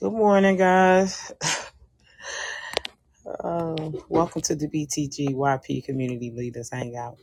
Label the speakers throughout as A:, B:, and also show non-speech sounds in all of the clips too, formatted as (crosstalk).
A: Good morning, guys. (laughs) Um, welcome to the BTGYP Community Leaders Hangout.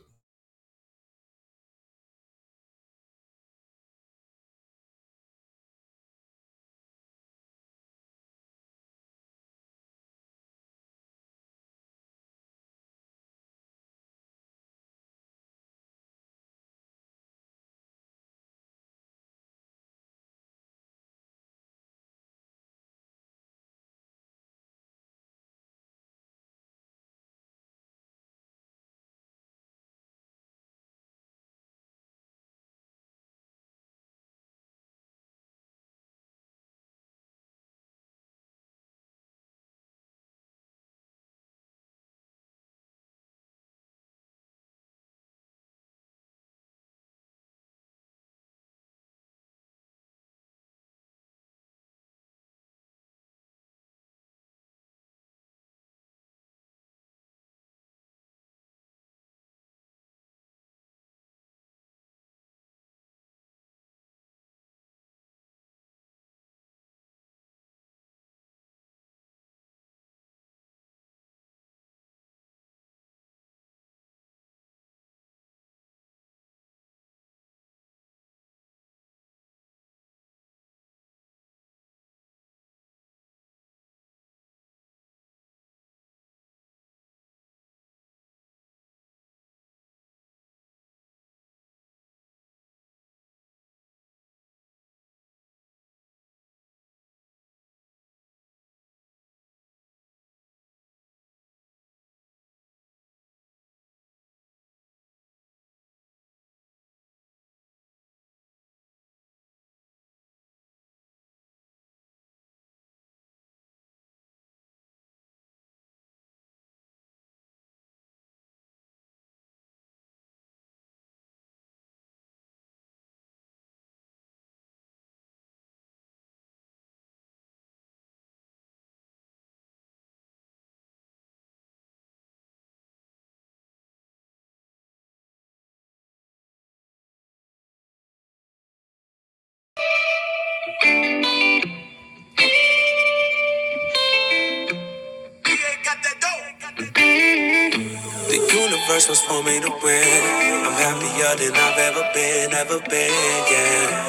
B: The universe was for me to win. I'm happier than I've ever been, ever been, yeah.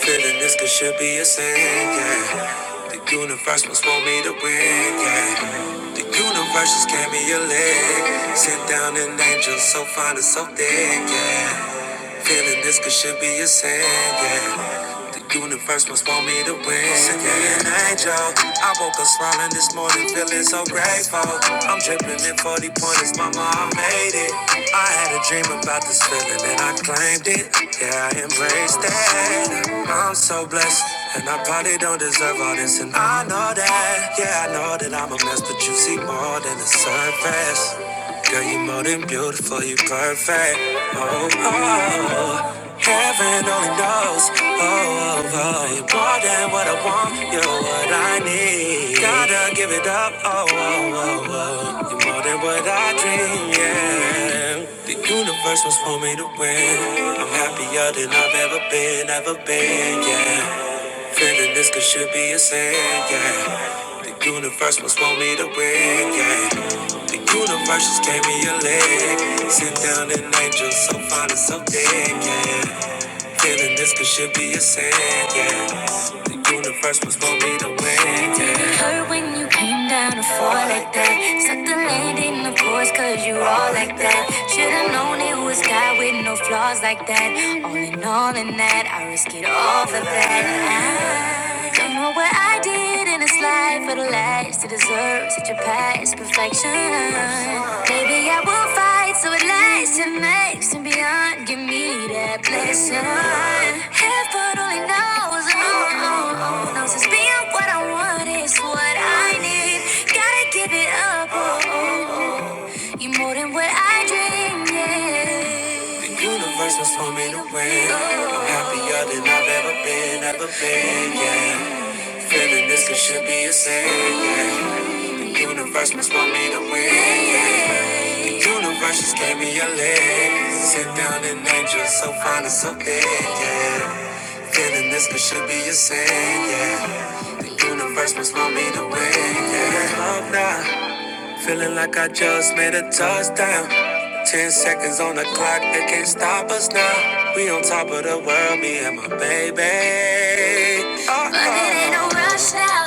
B: Feeling this could should be a sin, yeah. The universe was for me to win, yeah. The universe just gave me a leg. Sit down an angel so fine and so thick, yeah. Feeling this could should be a sin, yeah. The universe must want me to win. Send me an angel. I woke up smiling this morning, feeling so grateful. I'm dripping in 40 pointers, mama, I made it. I had a dream about this feeling and I claimed it. Yeah, I embraced it. I'm so blessed, and I probably don't deserve all this. And I know that, yeah, I know that I'm a mess, but you see more than the surface. Girl, you more than beautiful, you perfect. Oh, oh, oh. heaven only knows. Oh, oh, oh, you more than what I want, you're what I need. Gotta give it up. Oh, oh, oh, oh, you're more than what I dream. Yeah, the universe was for me to win. I'm happier than I've ever been, ever been. Yeah. Feeling this could should be a sin, yeah. The universe must want me to win, yeah. The universe just gave me a leg. Sit down an angel, so fine and so thick, yeah. Feeling this could should be a sin, yeah. The universe must want me to win, yeah. It hurt when you came down to fall like that. Suck the land in the course, cause you all like that. Should've known it was God with no flaws like that. All in all, in that, I risk it all for that. I don't know what I did in this life for the last to deserve such a past perfection. Maybe I will fight so it lasts and makes and beyond. Give me that blessing. Heaven only knows, oh, oh, oh, knows it's being what I want is what I need. Gotta give it up, oh, oh, oh. You're more than what I dreamed. yeah. The universe was for me to win. I'm happier than I've ever been, ever been, yeah. Feeling this it should be a sin, yeah. The universe must want me to win, yeah. The universe just gave me a leg. Sit down and angel, so fine and so big, yeah. Feeling this could should be a sin, yeah. The universe must want me to win, yeah. Love now. Feeling like I just made a touchdown. Ten seconds on the clock, they can't stop us now. We on top of the world, me and my baby. Uh-oh. But it ain't no rush now.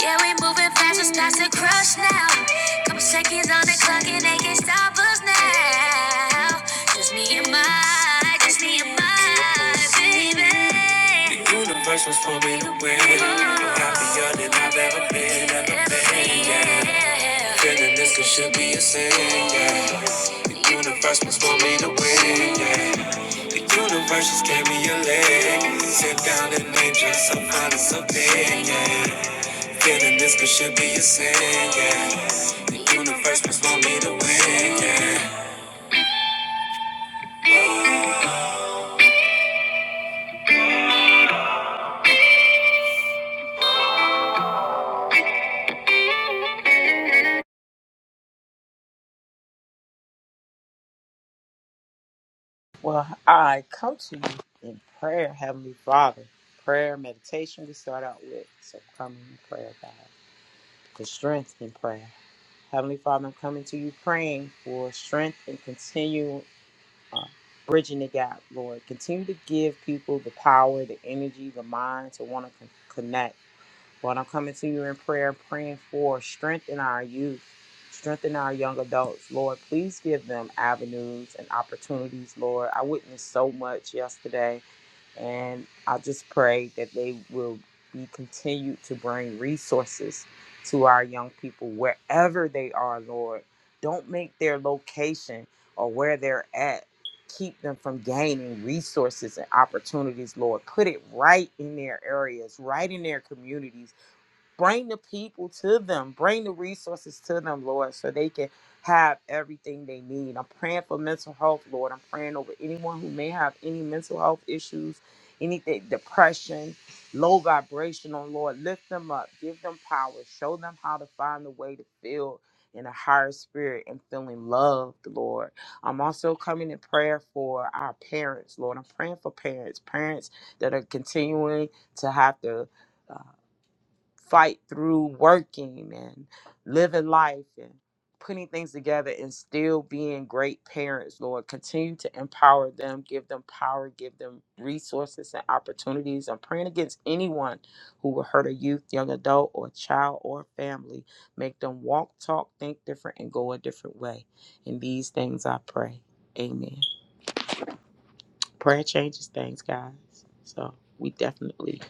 B: Yeah, we moving fast, it's past the crush now. Couple seconds on the clock, and they can't stop us now. Just me and my Kiss me goodbye, baby. The universe was for me to win. I'm happier than I've ever been, ever been, yeah. Feeling this could should be a sin, yeah. The universe was for me to win, yeah. The universe just gave me a leg. Sit down and name just some honest opinion, yeah. Feeling this could should be a sin, yeah. The universe was for me to win, yeah.
A: Well, I come to you in prayer, Heavenly Father. Prayer, meditation, we start out with. So come in prayer, God. For strength in prayer. Heavenly Father, I'm coming to you praying for strength and continue uh, bridging the gap, Lord. Continue to give people the power, the energy, the mind to want to con- connect Lord, I'm coming to you in prayer, praying for strength in our youth, strength in our young adults. Lord, please give them avenues and opportunities, Lord. I witnessed so much yesterday, and I just pray that they will be continued to bring resources to our young people wherever they are, Lord. Don't make their location or where they're at keep them from gaining resources and opportunities, Lord. Put it right in their areas, right in their communities Bring the people to them. Bring the resources to them, Lord, so they can have everything they need. I'm praying for mental health, Lord. I'm praying over anyone who may have any mental health issues, anything, depression, low vibrational, Lord. Lift them up. Give them power. Show them how to find a way to feel in a higher spirit and feeling loved, Lord. I'm also coming in prayer for our parents, Lord. I'm praying for parents, parents that are continuing to have to. uh, fight through working and living life and putting things together and still being great parents, Lord. Continue to empower them, give them power, give them resources and opportunities. I'm praying against anyone who will hurt a youth, young adult, or child or family. Make them walk, talk, think different, and go a different way. In these things I pray. Amen. Prayer changes things, guys. So we definitely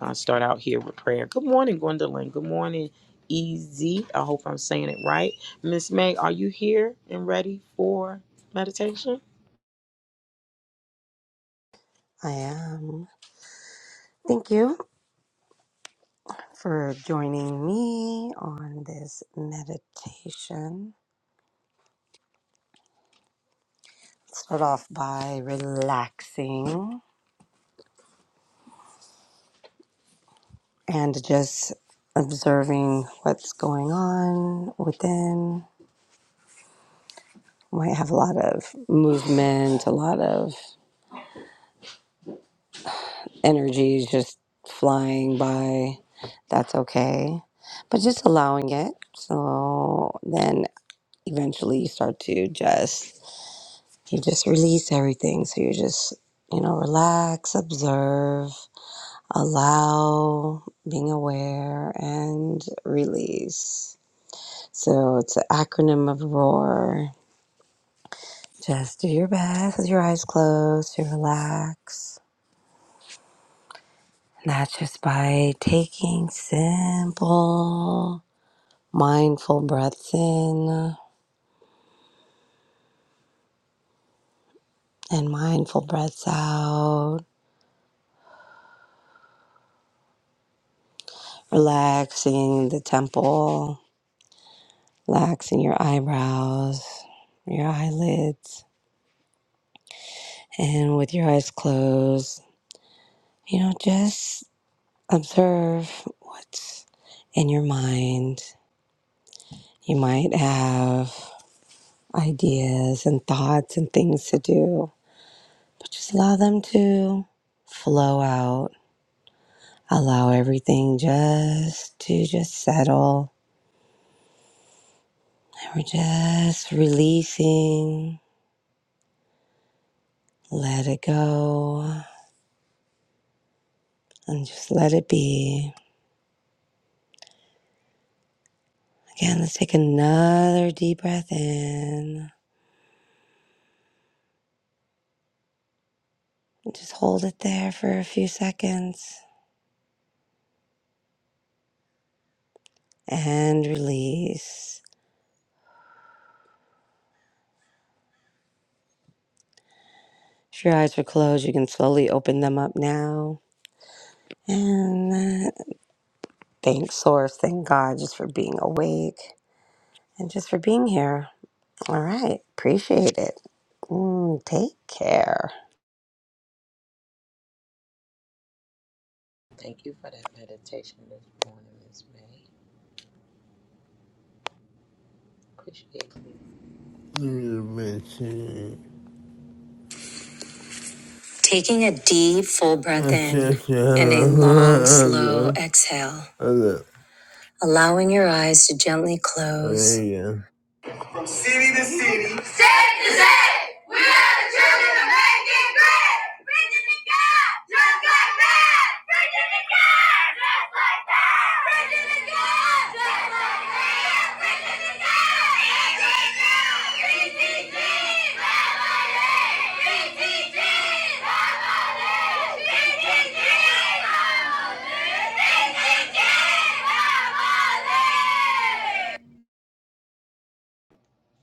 A: uh, start out here with prayer. Good morning, Gwendolyn. Good morning, Easy. I hope I'm saying it right. Miss May, are you here and ready for meditation?
C: I am. Thank you for joining me on this meditation. Start off by relaxing and just observing what's going on within. Might have a lot of movement, a lot of energy just flying by. That's okay. But just allowing it. So then eventually you start to just You just release everything. So you just, you know, relax, observe, allow, being aware, and release. So it's an acronym of ROAR. Just do your best with your eyes closed to relax. And that's just by taking simple, mindful breaths in and mindful breaths out, relaxing the temple relaxing your eyebrows, your eyelids, and with your eyes closed, you know, just observe what's in your mind. You might have ideas and thoughts and things to do, but just allow them to flow out. Allow everything just to just settle. And we're just releasing, let it go, and just let it be. Again, let's take another deep breath in. Just hold it there for a few seconds and release. If your eyes were closed, you can slowly open them up now. And uh, thank Source, thank God, just for being awake and just for being here. All right, appreciate it. Mm, take care.
A: Thank you for that meditation this morning, Miss May. Appreciate it.
B: Taking a deep, full breath in and a (laughs) long, slow exhale. Allowing your eyes to gently close Safe to say, we are the children of making great. Virginia God, just like that. Virginia God, just like that. Virginia God, just like that. Virginia God, BTG,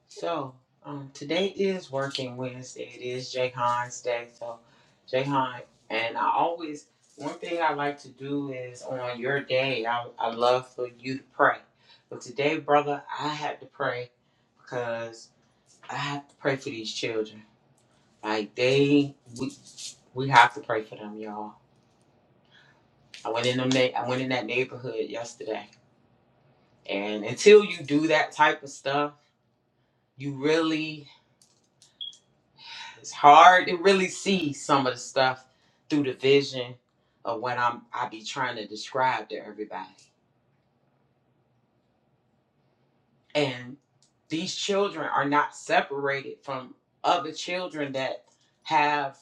A: So, um, today is Working Wednesday. It is Jay Hahn's day. So, Jay Hahn, and I always, one thing I like to do is on your day, I, I love for you to pray. But today, brother, I had to pray because I have to pray for these children. Like, they, we, we have to pray for them, y'all. I went in them, na- I went in that neighborhood yesterday. And until you do that type of stuff, you really It's hard to really see some of the stuff through the vision of what I'm I be trying to describe to everybody. And these children are not separated from other children that have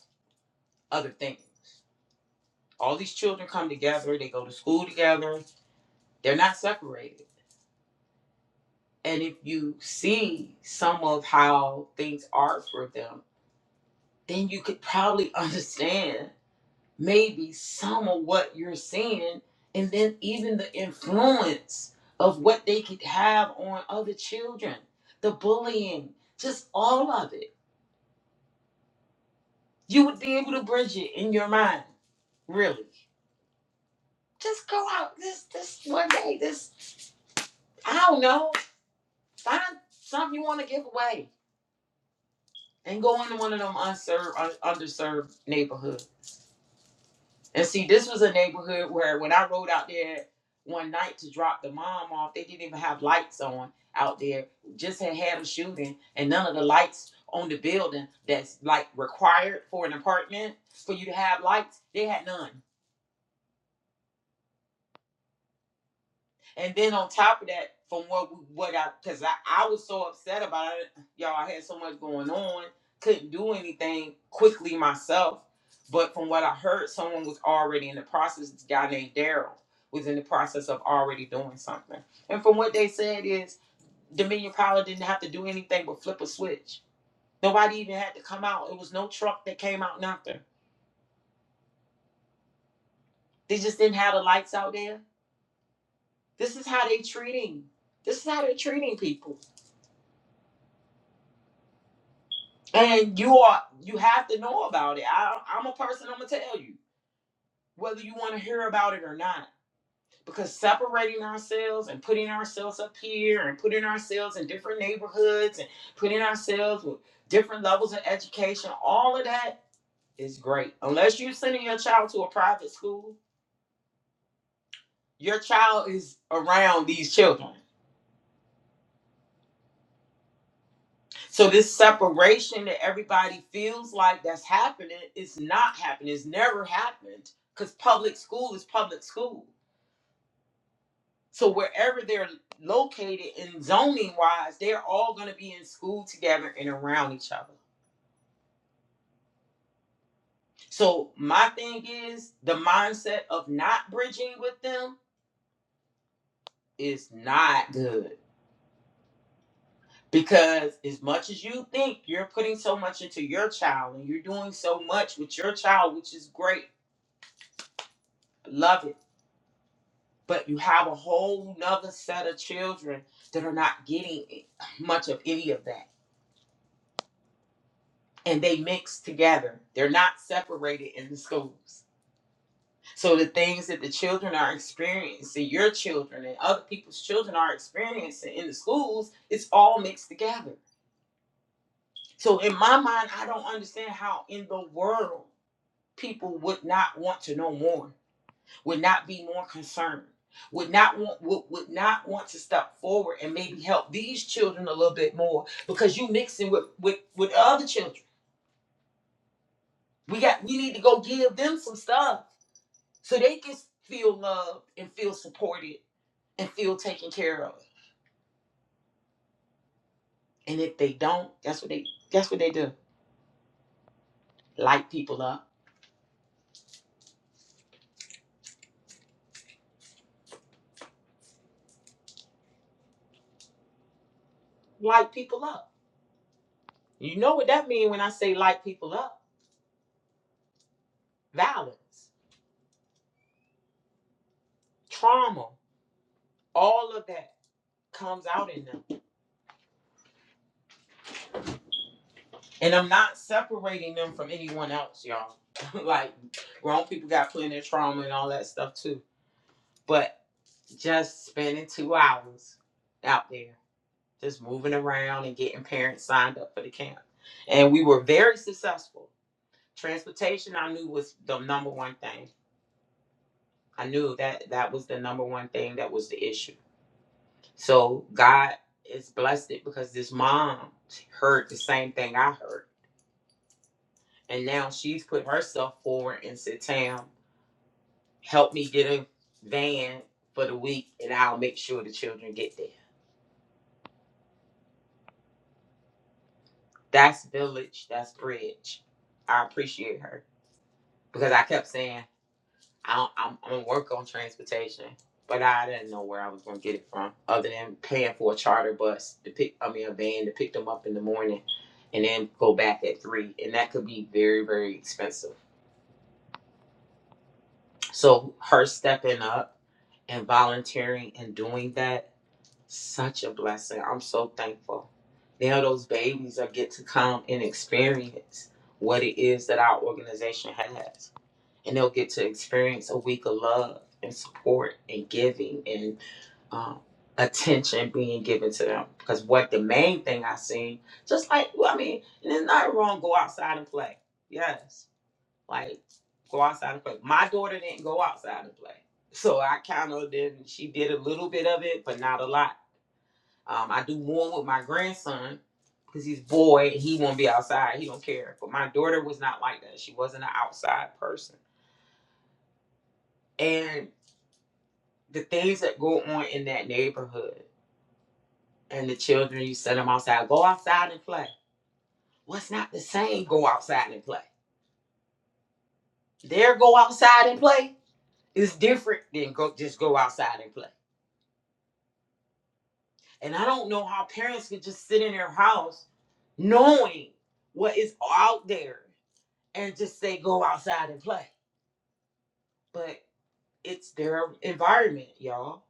A: other things. All these children come together, they go to school together, they're not separated. And if you see some of how things are for them, then you could probably (laughs) understand maybe some of what you're saying and then even the influence of what they could have on other children the bullying just all of it you would be able to bridge it in your mind really just go out this this one day this i don't know find something you want to give away and go into one of them unserved un- underserved neighborhoods And see, this was a neighborhood where when I rode out there one night to drop the mom off, they didn't even have lights on out there. Just had had a shooting, and none of the lights on the building that's like required for an apartment for you to have lights, they had none. And then on top of that, from what what I because I, I was so upset about it, y'all. I had so much going on, couldn't do anything quickly myself. But from what I heard, someone was already in the process. This guy named Daryl was in the process of already doing something. And from what they said is Dominion Power didn't have to do anything but flip a switch. Nobody even had to come out. It was no truck that came out nothing. They just didn't have the lights out there. This is how they treating. This is how they're treating people. and you are you have to know about it. I, I'm a person. I'm gonna tell you whether you want to hear about it or not. Because separating ourselves and putting ourselves up here and putting ourselves in different neighborhoods and putting ourselves with different levels of education, all of that is great. Unless you're sending your child to a private school, your child is around these children. So this separation that everybody feels like that's happening is not happening. It's never happened because public school is public school. So wherever they're located in zoning wise, they're all going to be in school together and around each other. So my thing is the mindset of not bridging with them is not good because as much as you think you're putting so much into your child and you're doing so much with your child, which is great, love it but you have a whole nother set of children that are not getting much of any of that and they mix together they're not separated in the schools so the things that the children are experiencing your children and other people's children are experiencing in the schools it's all mixed together so in my mind i don't understand how in the world people would not want to know more would not be more concerned would not want would, would not want to step forward and maybe help these children a little bit more because you mixing with with with other children we got we need to go give them some stuff so they can feel loved and feel supported and feel taken care of and if they don't that's what they that's what they do light people up light people up you know what that means when i say light people up violence trauma all of that comes out in them And I'm not separating them from anyone else, y'all. (laughs) like grown people got plenty of trauma and all that stuff too. But just spending two hours out there, just moving around and getting parents signed up for the camp. And we were very successful. Transportation I knew was the number one thing. I knew that that was the number one thing that was the issue. So God is blessed it because this mom heard the same thing I heard. And now she's put herself forward and said, Tam, help me get a van for the week and I'll make sure the children get there. That's village, that's bridge. I appreciate her because I kept saying I don't, I'm, I'm gonna work on transportation, but I didn't know where I was gonna get it from other than paying for a charter bus to pick, I mean, a van to pick them up in the morning and then go back at three, and that could be very, very expensive. So her stepping up and volunteering and doing that Such a blessing. I'm so thankful. Now those babies are get to come and experience what it is that our organization has. And they'll get to experience a week of love and support and giving and um, attention being given to them. Because what the main thing I seen, just like, well, I mean, and it's not wrong, go outside and play. Yes. Like, go outside and play. My daughter didn't go outside and play. So I kind of did, she did a little bit of it, but not a lot um, I do more with my grandson because he's boy. He won't be outside. He don't care. But my daughter was not like that. She wasn't an outside person. And the things that go on in that neighborhood and the children, you send them outside. Go outside and play. What's not the same? Go outside and play. Their go outside and play is different than go just go outside and play. And I don't know how parents could just sit in their house knowing what is out there and just say go outside and play. But it's their environment, y'all.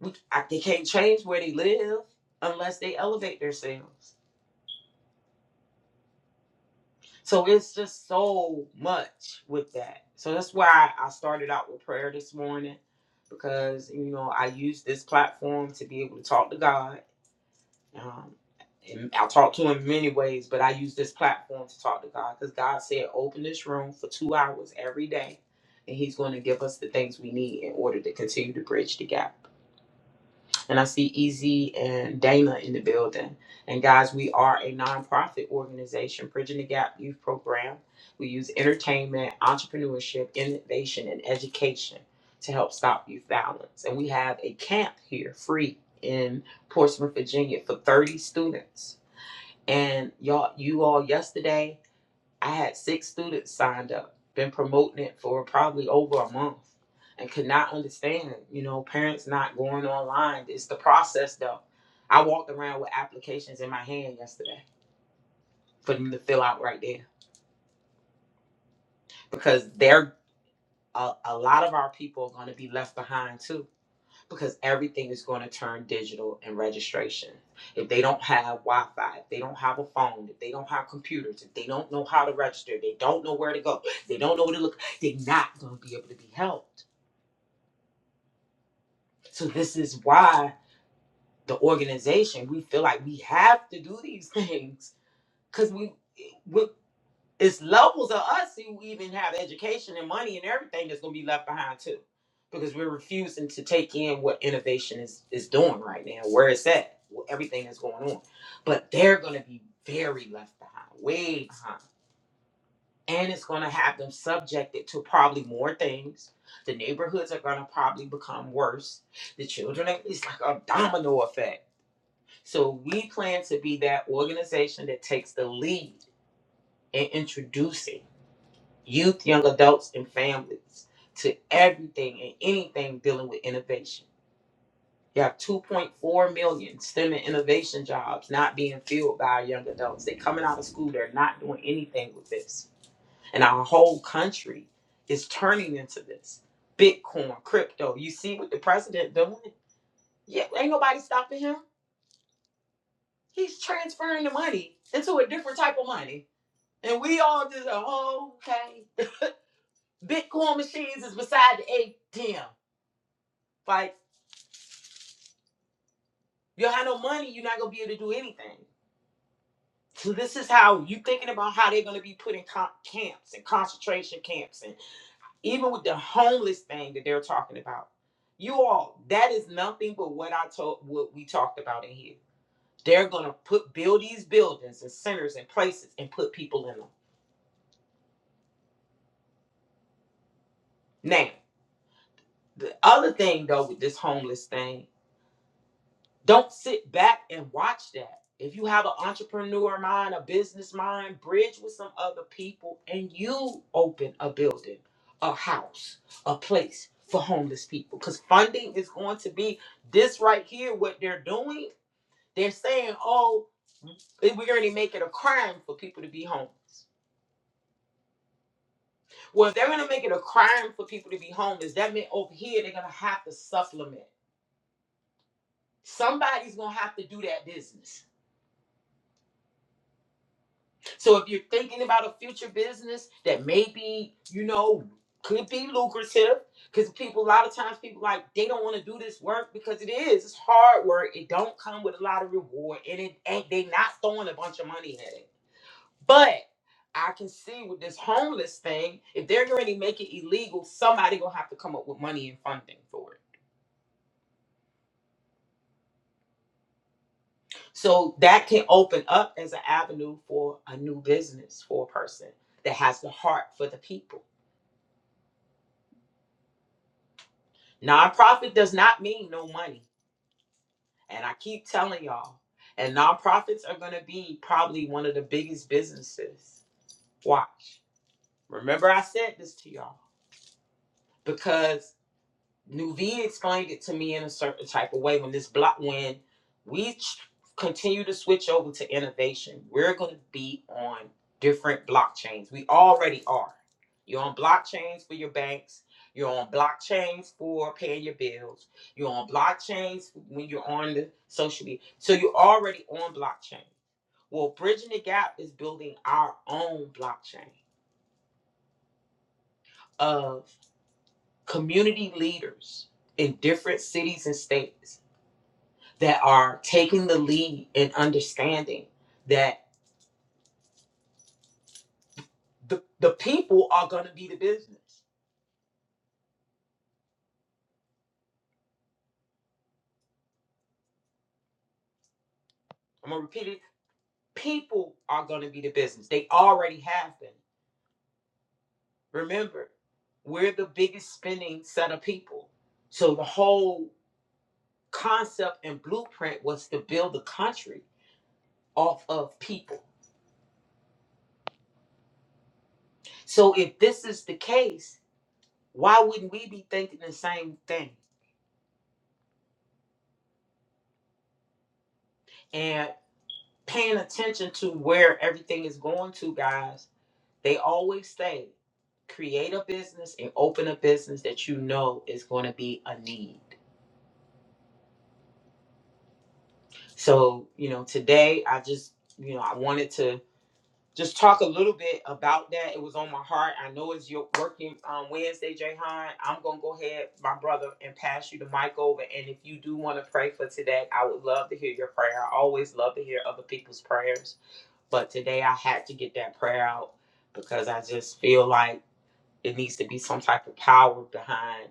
A: We, I, they can't change where they live unless they elevate themselves. So it's just so much with that. So that's why I started out with prayer this morning because you know I use this platform to be able to talk to God. Um, and I talk to Him in many ways, but I use this platform to talk to God because God said, "Open this room for two hours every day." And he's going to give us the things we need in order to continue to bridge the gap. And I see Easy and Dana in the building. And guys, we are a nonprofit organization, Bridging the Gap Youth Program. We use entertainment, entrepreneurship, innovation, and education to help stop youth violence. And we have a camp here free in Portsmouth, Virginia for 30 students. And y'all, you all yesterday I had six students signed up, been promoting it for probably over a month, and could not understand, you know, parents not going online. It's the process though. I walked around with applications in my hand yesterday for them to fill out right there because they're a, a lot of our people are going to be left behind too because everything is going to turn digital and registration. If they don't have Wi Fi, if they don't have a phone, if they don't have computers, if they don't know how to register, they don't know where to go, they don't know where to look, they're not going to be able to be helped. So, this is why the organization, we feel like we have to do these things because we, it's levels of us who even have education and money and everything that's going to be left behind too because we're refusing to take in what innovation is is doing right now where it's at wh- everything that's going on but they're going to be very left behind way behind and it's going to have them subjected to probably more things the neighborhoods are going to probably become worse the children are- it's like a domino effect so we plan to be that organization that takes the lead in introducing youth, young adults, and families to everything and anything dealing with innovation. You have 2.4 million STEM and innovation jobs not being filled by our young adults. They're coming out of school, they're not doing anything with this. And our whole country is turning into this. Bitcoin, crypto. You see what the president doing? Yeah, ain't nobody stopping him. He's transferring the money into a different type of money. And we all just, oh, okay. Bitcoin machines is beside the ATM. Like you don't have no money, you're not gonna be able to do anything. So this is how you thinking about how they're gonna be put in co- camps and concentration camps, and even with the homeless thing that they're talking about. You all, that is nothing but what I told, what we talked about in here. They're gonna put build these buildings and centers and places and put people in them. Now, the other thing though with this homeless thing Don't sit back and watch that. If you have an entrepreneur mind, a business mind, bridge with some other people and you open a building, a house, a place for homeless people. Because funding is going to be this right here, what they're doing. They're saying, oh, we're going to make it a crime for people to be homeless. Well, if they're going to make it a crime for people to be homeless, that means over here they're going to have to supplement. Somebody's going to have to do that business. So if you're thinking about a future business that maybe, you know, could be lucrative, because people a lot of times people like they don't want to do this work because it is. It's hard work. It don't come with a lot of reward. And it ain't they not throwing a bunch of money at it. But I can see with this homeless thing, if they're going to make it illegal, somebody gonna have to come up with money and funding for it. So that can open up as an avenue for a new business for a person that has the heart for the people Nonprofit does not mean no money. And I keep telling y'all, and nonprofits are going to be probably one of the biggest businesses. Watch. Remember, I said this to y'all because Nuvi explained it to me in a certain type of way when this block when we ch- continue to switch over to innovation, we're going to be on different blockchains. We already are. You're on blockchains for your banks. You're on blockchains for paying your bills. You're on blockchains when you're on the social media. So you're already on blockchain. Well, bridging the gap is building our own blockchain of community leaders in different cities and states that are taking the lead and understanding that the, the people are going to be the business. I'm going to repeat it. People are going to be the business. They already have been. Remember, we're the biggest spending set of people. So the whole concept and blueprint was to build the country off of people. So if this is the case, why wouldn't we be thinking the same thing and paying attention to where everything is going to, guys? They always say, create a business and open a business that you know is going to be a need. So, you know, today I just, you know, I wanted to just talk a little bit about that. It was on my heart. I know it's your working on Wednesday, Jay Hine. I'm going to go ahead, my brother, and pass you the mic over. And if you do want to pray for today, I would love to hear your prayer. I always love to hear other people's prayers. But today I had to get that prayer out because I just feel like it needs to be some type of power behind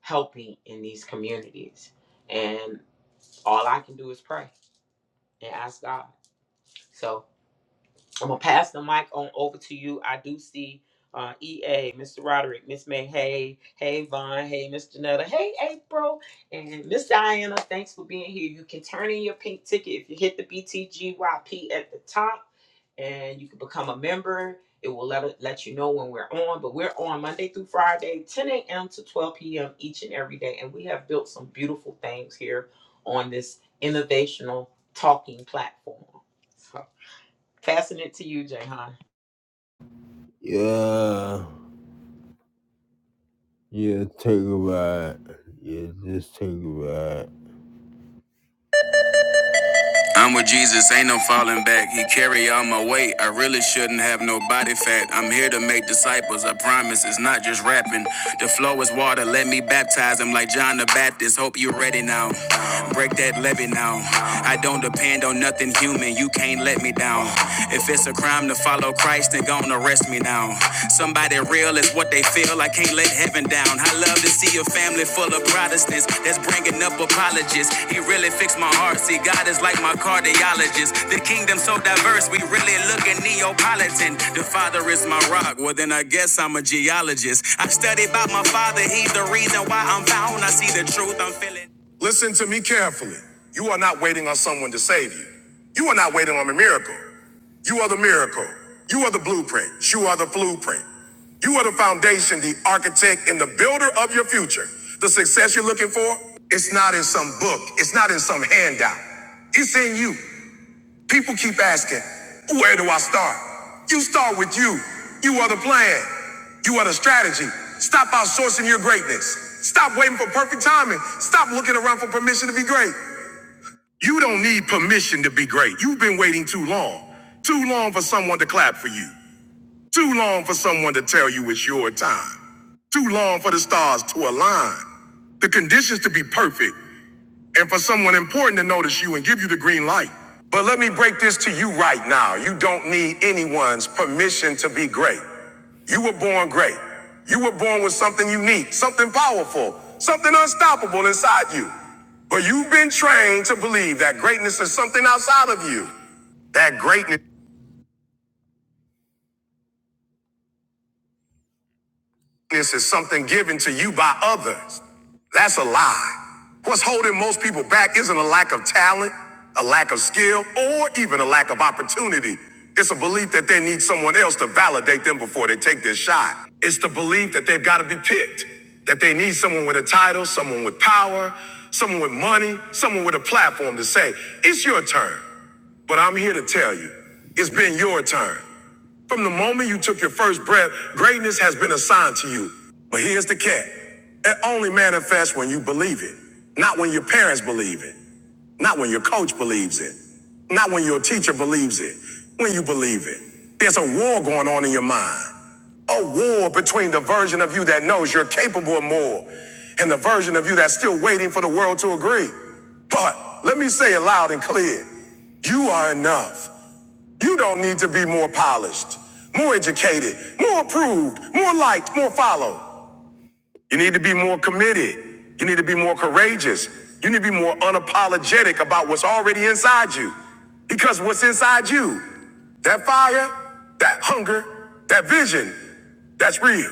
A: helping in these communities. And all I can do is pray and ask God. So I'm gonna pass the mic on over to you. I do see uh, EA, Mr. Roderick, Miss May, hey, hey Vaughn, hey Miss Janetta, hey April, and Miss Diana. Thanks for being here. You can turn in your pink ticket if you hit the BTGYP at the top, and you can become a member. It will let let you know when we're on. But we're on Monday through Friday, 10 a.m. to 12 p.m. each and every day, and we have built some beautiful things here on this innovational talking platform. So, Passing it to you, Jayhan.
B: Yeah. Yeah, take a ride. Yeah, just take a ride. I'm with Jesus, ain't no falling back. He carry all my weight. I really shouldn't have no body fat. I'm here to make disciples. I promise it's not just rapping. The flow is water. Let me baptize them like John the Baptist. Hope you're ready now. Break that levy now. I don't depend on nothing human. You can't let me down. If it's a crime to follow Christ, then gonna arrest me now. Somebody real is what they feel. I can't let heaven down. I love to see a family full of Protestants that's bringing up apologists. He really fixed my heart. See, God is like my cardiologist. The kingdom so diverse, we really looking Neapolitan. The father is my rock. Well, then I guess I'm a geologist. I study about my father. He's the reason why I'm found. I see the truth. I'm feeling. Listen to me carefully. You are not waiting on someone to save you. You are not waiting on a miracle. You are the miracle. You are the blueprint. You are the blueprint. You are the foundation, the architect, and the builder of your future. The success you're looking for, it's not in some book, it's not in some handout. It's in you. People keep asking, where do I start? You start with you. You are the plan. You are the strategy. Stop outsourcing your greatness. Stop waiting for perfect timing. Stop looking around for permission to be great. You don't need permission to be great. You've been waiting too long. Too long for someone to clap for you. Too long for someone to tell you it's your time. Too long for the stars to align. The conditions to be perfect and for someone important to notice you and give you the green light. But let me break this to you right now. You don't need anyone's permission to be great. You were born great. You were born with something unique, something powerful, something unstoppable inside you. But you've been trained to believe that greatness is something outside of you. That greatness. This is something given to you by others. That's a lie. What's holding most people back isn't a lack of talent, a lack of skill, or even a lack of opportunity. It's a belief that they need someone else to validate them before they take their shot. It's the belief that they've got to be picked, that they need someone with a title, someone with power, someone with money, someone with a platform to say, it's your turn. But I'm here to tell you, it's been your turn. From the moment you took your first breath, greatness has been assigned to you. But here's the catch. It only manifests when you believe it. Not when your parents believe it. Not when your coach believes it. Not when your teacher believes it. When you believe it. There's a war going on in your mind. A war between the version of you that knows you're capable of more and the version of you that's still waiting for the world to agree. But let me say it loud and clear. You are enough. You don't need to be more polished, more educated, more approved, more liked, more followed. You need to be more committed. You need to be more courageous. You need to be more unapologetic about what's already inside you. Because what's inside you, that fire, that hunger, that vision, that's real.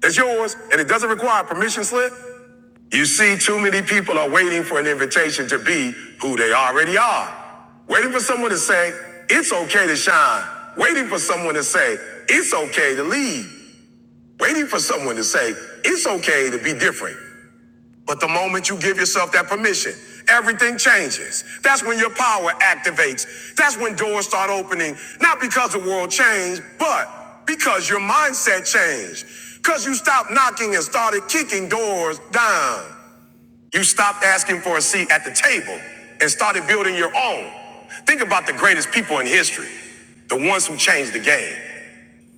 B: That's yours, and it doesn't require a permission slip. You see, too many people are waiting for an invitation to be who they already are. Waiting for someone to say, it's okay to shine. Waiting for someone to say, it's okay to lead. Waiting for someone to say, it's okay to be different. But the moment you give yourself that permission, everything changes. That's when your power activates. That's when doors start opening, not because the world changed, but because your mindset changed. Because you stopped knocking and started kicking doors down. You stopped asking for a seat at the table and started building your own. Think about the greatest people in history, the ones who changed the game.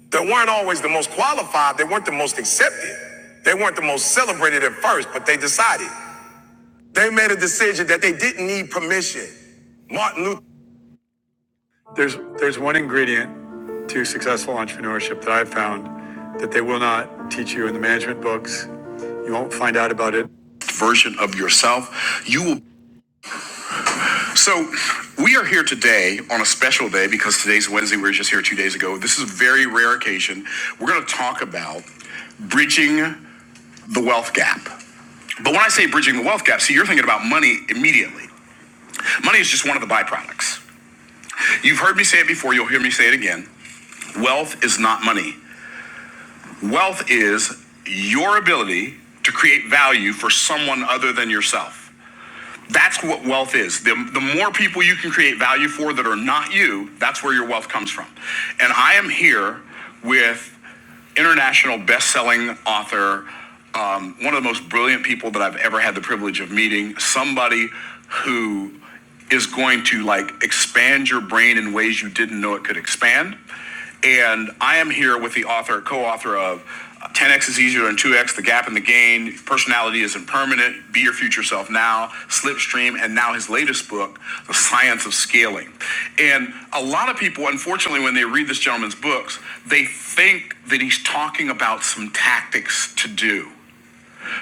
B: They weren't always the most qualified, they weren't the most accepted, they weren't the most celebrated at first, but they decided. They made a decision that they didn't need permission. Martin Luther. There's, there's one ingredient to successful entrepreneurship that I've found that they will not teach you in the management books. You won't find out about it Version of yourself. You will. So, we are here today on a special day because today's Wednesday. We were just here two days ago. This is a very rare occasion. We're going to talk about bridging the wealth gap. But when I say bridging the wealth gap, see, you're thinking about money immediately. Money is just one of the byproducts. You've heard me say it before, you'll hear me say it again. Wealth is not money, wealth is your ability to create value for someone other than yourself. That's what wealth is. The, the more people you can create value for that are not you, that's where your wealth comes from. And I am here with international best-selling author, um, one of the most brilliant people that I've ever had the privilege of meeting, somebody who is going to like expand your brain in ways you didn't know it could expand. And I am here with the author, co-author of 10x is easier than 2x, the gap in the gain, personality is impermanent. be your future self now, Slipstream, and now his latest book, The Science of Scaling. And a lot of people, unfortunately, when they read this gentleman's books, they think that he's talking about some tactics to do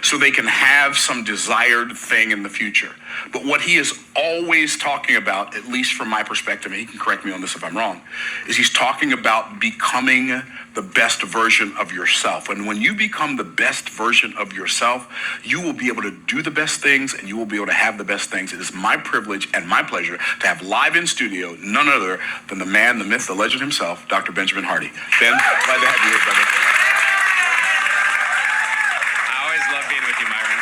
B: so they can have some desired thing in the future. But what he is always talking about, at least from my perspective, and he can correct me on this if I'm wrong, is he's talking about becoming the best version of yourself. And when you become the best version of yourself, you will be able to do the best things and you will be able to have the best things. It is my privilege and my pleasure to have live in studio none other than the man, the myth, the legend himself, Dr. Benjamin Hardy. Ben, glad to have you here, brother. I always love being with you, Myron.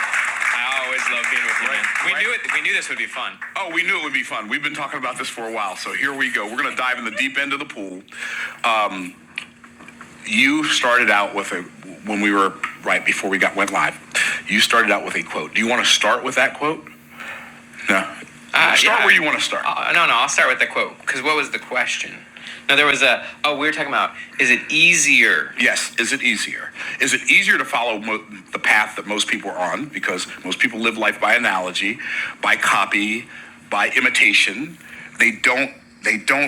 B: I always love being with you, man. We right. knew it. We knew this would be fun. Oh, we knew it would be fun. We've been talking about this for a while, so here we go. We're going to dive in the deep end of the pool. Um, you started out with a when we were right before we got went live. You started out with a quote. Do you want to start with that quote? No. Uh, Start yeah. where you want to start. Uh, no, no, I'll start with the quote because what was the question? No, there was a. Oh, we were talking about is it easier? Yes. Is it easier? Is it easier to follow mo- the path that most people are on? Because most people live life by analogy, by copy, by imitation. They don't. They don't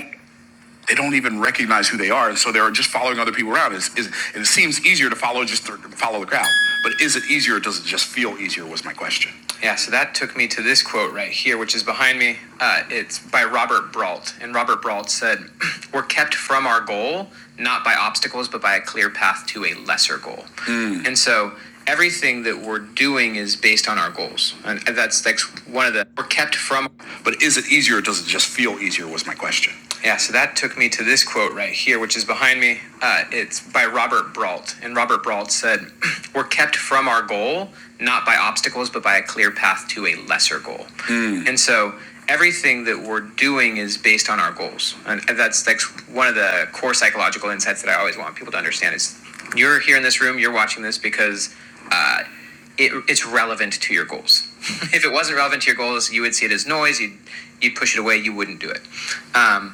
B: they don't even recognize who they are, and so they're just following other people around. Is is and it seems easier to follow just to follow the crowd, but is it easier? or Does it just feel easier? Was my question. Yeah, so that took me to this quote right here, which is behind me. Uh, it's by Robert Brault, and Robert Brault said, (clears throat) "We're kept from our goal not by obstacles, but by a clear path to a lesser goal." And so everything that we're doing is based on our goals. And that's that's one of the we're kept from But is it easier or does it just feel easier was my question. Yeah, so that took me to this quote right here, which is behind me. Uh, it's by Robert Brault. And Robert Brault said, We're kept from our goal, not by obstacles, but by a clear path to a lesser goal. And so everything that we're doing is based on our goals. And that's, that's one of the core psychological insights that I always want people to understand is you're here in this room, you're watching this because it, it's relevant to your goals. If it wasn't relevant to your goals, you would see it as noise, you'd, you'd push it away, you wouldn't do it. Um,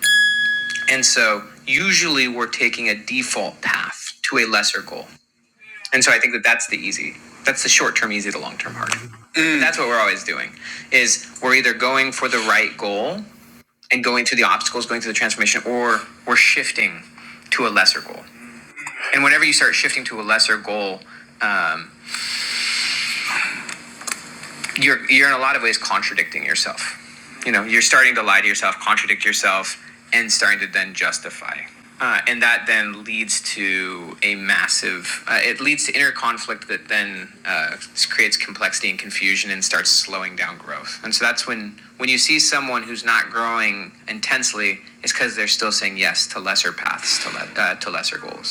B: and so usually we're taking a default path to a lesser goal. And so I think that that's the easy. That's the short term, easy to long term. And That's what we're always doing is we're either going for the right goal, going through the obstacles, going through the transformation, or we're shifting to a lesser goal. And whenever you start shifting to a lesser goal, um, you're you're in a lot of ways contradicting yourself. You know, you're starting to lie to yourself, contradict yourself, and starting to then justify. Uh, and that then leads to a massive. Uh, it leads to inner conflict that then uh, creates complexity and confusion and starts slowing down growth. And so that's when when you see someone who's not growing intensely, it's because they're still saying yes to lesser paths, to le- uh, to lesser goals.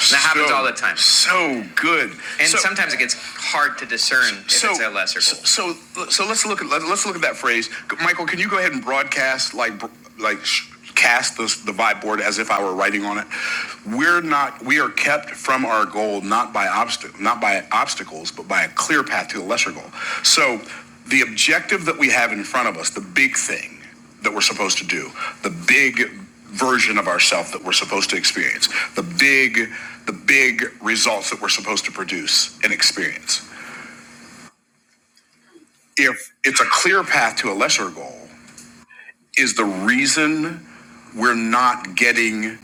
B: And that so, happens so- all the time. So good. And so, sometimes it gets hard to discern if so, it's a lesser goal. So, so so let's look at let, us look at that phrase, Michael. Can you go ahead and broadcast like like cast the the vibe board as if I were writing on it? We're not. We are kept from our goal not by obstacle, not by obstacles, but by a clear path to a lesser goal. So, the objective that we have in front of us, the big thing that we're supposed to do, the big version of ourself that we're supposed to experience the big the big results that we're supposed to produce and experience if it's a clear path to a lesser goal is the reason we're not getting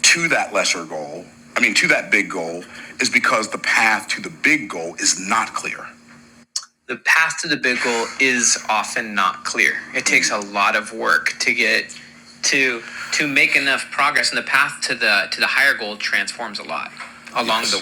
B: to that lesser goal i mean to that big goal is because the path to the big goal is not clear the path to the big goal is often not clear it takes a lot of work to get to to make enough progress and the path to the to the higher goal transforms a lot along yes. the way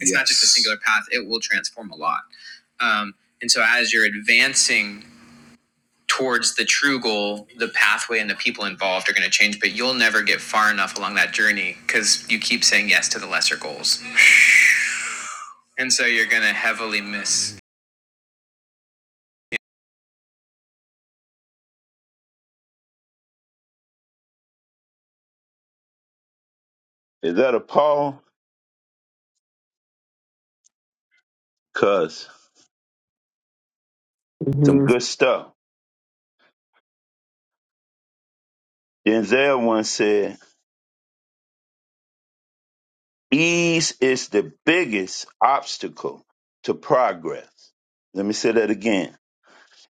B: It's yes. not just a Yes. singular path, it will transform a lot. Um, and so, as you're advancing towards the true goal, the pathway and the people involved are going to change, but you'll never get far enough along that journey because you keep saying yes to the lesser goals. And so, you're going to heavily miss.
D: Is that a Paul? Cuz some good stuff. Denzel once said, ease is the biggest obstacle to progress. Let me say that again.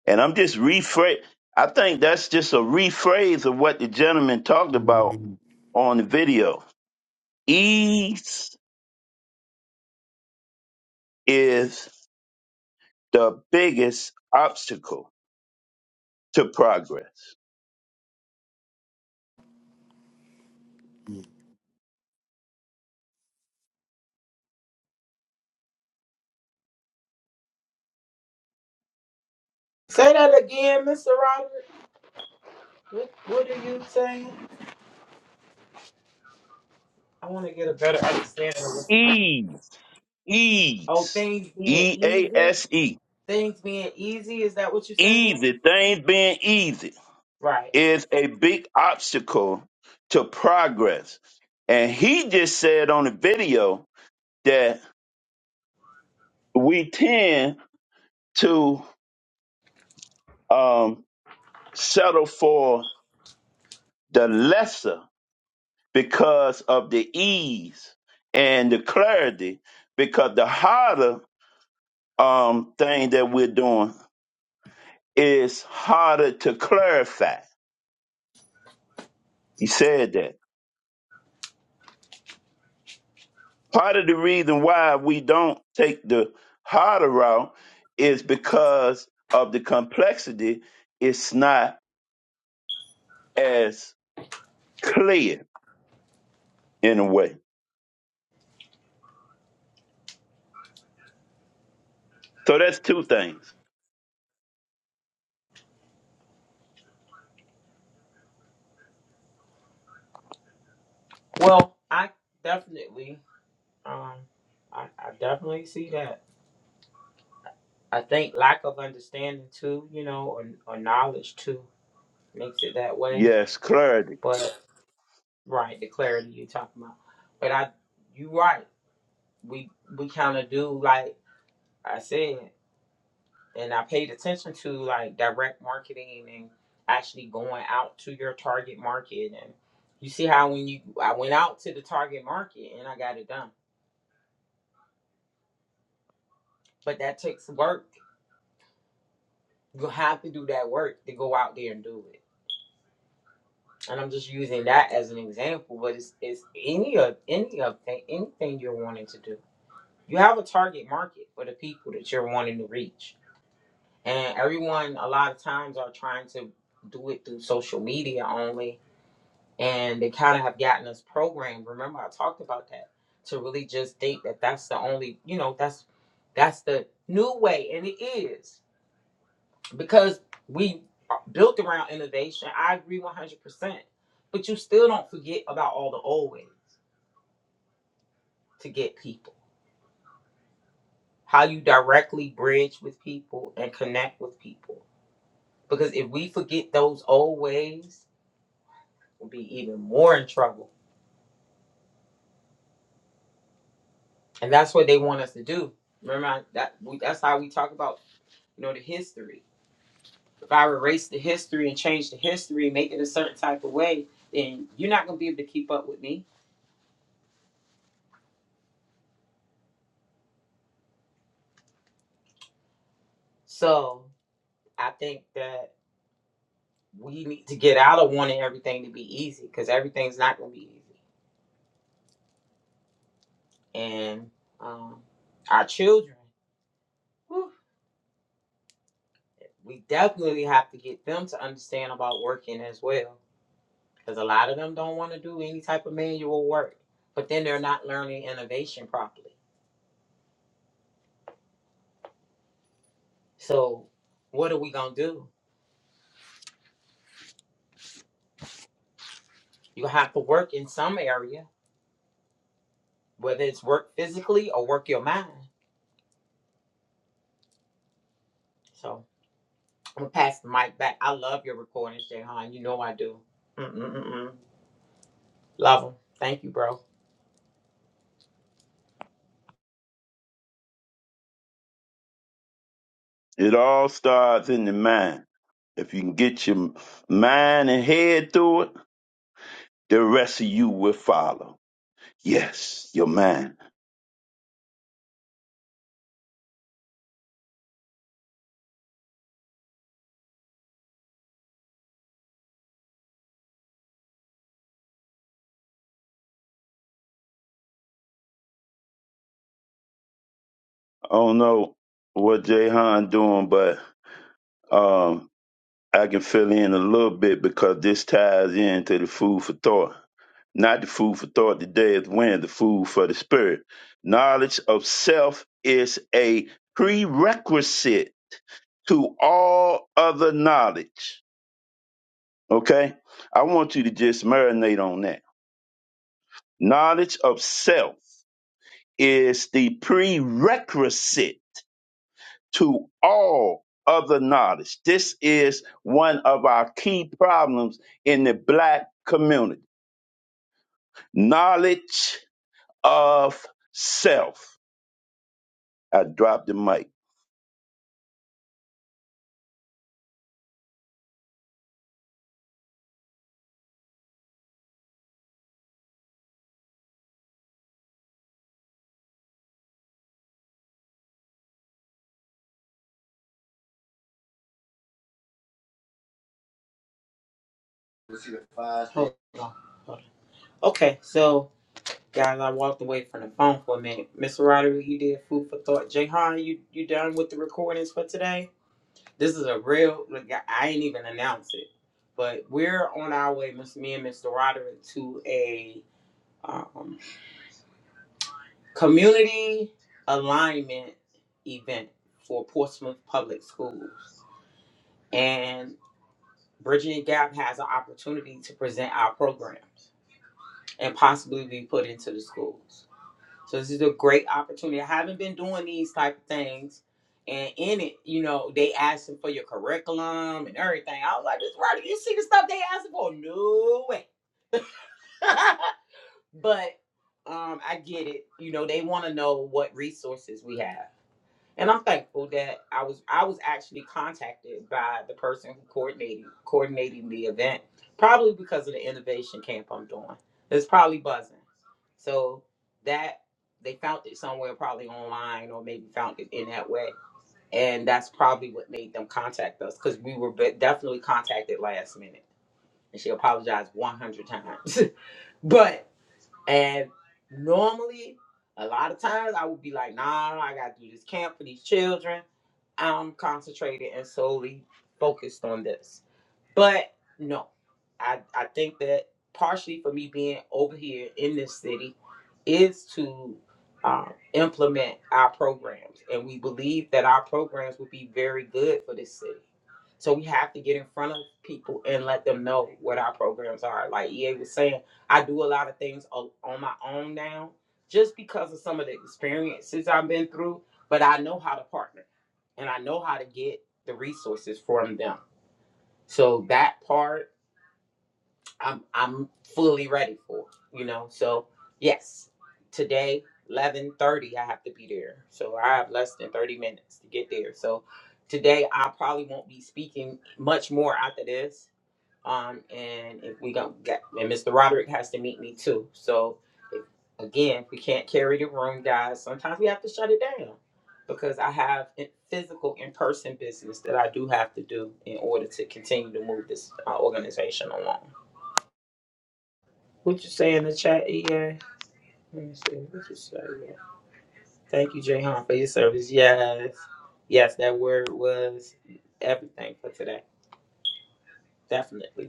D: And I'm just rephrase. I think that's just a rephrase of what the gentleman talked about on the video. Ease is the biggest obstacle to progress.
A: Say that again, Mr. Robert. What, what are you saying? I want to get a better understanding of it.
D: Ease,
A: Oh,
D: ease,
A: things being
D: E A
A: easy.
D: S E,
A: Things being easy. Is that what you're saying?
D: easy things being easy.
A: Right.
D: is a big obstacle to progress. And he just said on the video that we tend to um, settle for the lesser because of the ease and the clarity, because the harder um, thing that we're doing is harder to clarify. He said that. Part of the reason why we don't take the harder route is because of the complexity. It's not as clear in a way. So that's two things.
A: Well, I definitely, um, I, I definitely see that. I think lack of understanding too, you know, or, or knowledge too, makes it that way.
D: Yes, clarity.
A: But right, the clarity you're talking about. But I, you right. We we kind of do like I said. and I paid attention to like direct marketing and actually going out to your target market. And you see how when you I went out to the target market and I got it done. But that takes work. You have to do that work to go out there and do it. And I'm just using that as an example, but it's it's any of any of th- anything you're wanting to do. You have a target market for the people that you're wanting to reach. And everyone a lot of times are trying to do it through social media only and they kind of have gotten us programmed. Remember, I talked about that to really just think that that's the only, you know, that's that's the new way, and it is because we are built around innovation. I agree one hundred percent, but you still don't forget about all the old ways to get people, how you directly bridge with people and connect with people. Because if we forget those old ways, we'll be even more in trouble, and that's what they want us to do. Remember I- that we, that's how we talk about you know, the history. If I erase the history and change the history, make it a certain type of way, then you're not gonna be able to keep up with me. So I think that we need to get out of wanting everything to be easy because everything's not gonna be easy. And um, our children, whew, we definitely have to get them to understand about working as well because a lot of them don't want to do any type of manual work, but then they're not learning innovation properly. So what are we gonna do? You have to work in some area, whether it's work physically or work your mind. So I'm gonna pass the mic back. I love your recordings, Jayhan. You know I do. Mm-mm-mm-mm. Love them. Thank you, bro.
D: It all starts in the mind. If you can get your mind and head through it, the rest of you will follow. Yes, your mind. I don't know what Jay Han doing, but um, I can fill in a little bit because this ties into the food for thought. Not the food for thought today is when the food for the spirit. Knowledge of self is a prerequisite to all other knowledge. Okay? I want you to just marinate on that. Knowledge of self is the prerequisite to all other knowledge. This is one of our key problems in the black community knowledge of self. I dropped the mic.
A: Let's see the five- Hold on. Hold on. Okay, so guys, I walked away from the phone for a minute. Mr. Roderick, you did food for thought. Jayhan, you you done with the recordings for today? This is a real. Look, I I ain't even announced it, but we're on our way, Miss me and Mr. Roderick, to a. um, community alignment event for Portsmouth Public Schools. And Bridging the Gap has an opportunity to present our programs and possibly be put into the schools. So this is a great opportunity. I haven't been doing these type of things. And in it, you know, they asking for your curriculum and everything. I was like, this right, you see the stuff they asking for? No way. (laughs) but um, I get it. You know, they want to know what resources we have And I'm thankful that I was I was actually contacted by the person who coordinated coordinating the event, probably because of the innovation camp I'm doing. It's probably buzzing. So that they found it somewhere probably online or maybe found it in that way. And that's probably what made them contact us because we were be- definitely contacted last minute. And she apologized 100 times. (laughs) but and normally, a lot of times I would be like, nah, I gotta do this camp for these children. I'm concentrated and solely focused on this. But no, I, I think that partially for me being over here in this city is to um, implement our programs. And we believe that our programs would be very good for this city. So we have to get in front of people and let them know what our programs are. Like EA was saying, I do a lot of things o- on my own now just because of some of the experiences I've been through, but I know how to partner and I know how to get the resources from them. So that part, I'm I'm fully ready for. You know, so yes, today eleven thirty, I have to be there. So I have less than thirty minutes to get there. So today, I probably won't be speaking much more after this um, and if we don't get, and Mr. Roderick has to meet me too. So if, again, if we can't carry the room, guys, sometimes we have to shut it down because I have in- physical in-person business that I do have to do in order to continue to move this uh, organization along. What you say in the chat, EA? Let me see. What you say? Yeah. Thank you, Jay for your service. Yes, yes, that word was everything for today. Definitely.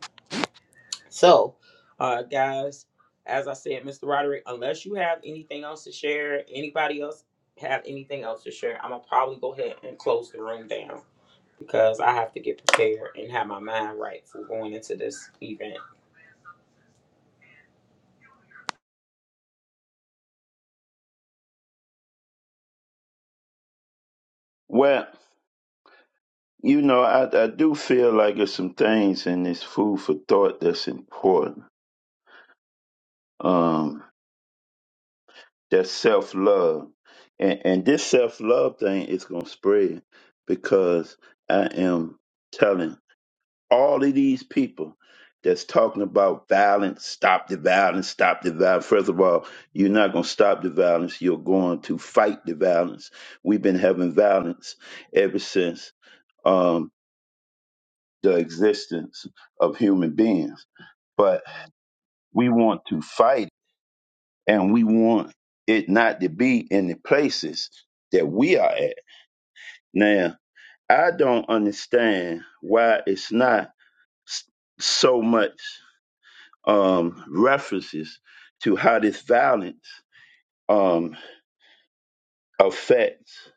A: So, uh, guys, as I said, Mr. Roderick, unless you have anything else to share, anybody else have anything else to share, I'm gonna probably go ahead and close the room down because I have to get prepared and have my mind right for going into this event.
D: Well, you know, I, I do feel like there's some things in this food for thought that's important. Um, that's self love. And, and this self love thing is going to spread because I am telling. all of these people that's talking about violence, stop the violence, stop the violence. First of all, you're not going to stop the violence. You're going to fight the violence. We've been having violence ever since um, the existence of human beings. But we want to fight it, and we want it not to be in the places that we are at. Now, I don't understand why it's not s- so much. um, references to how this violence um, affects,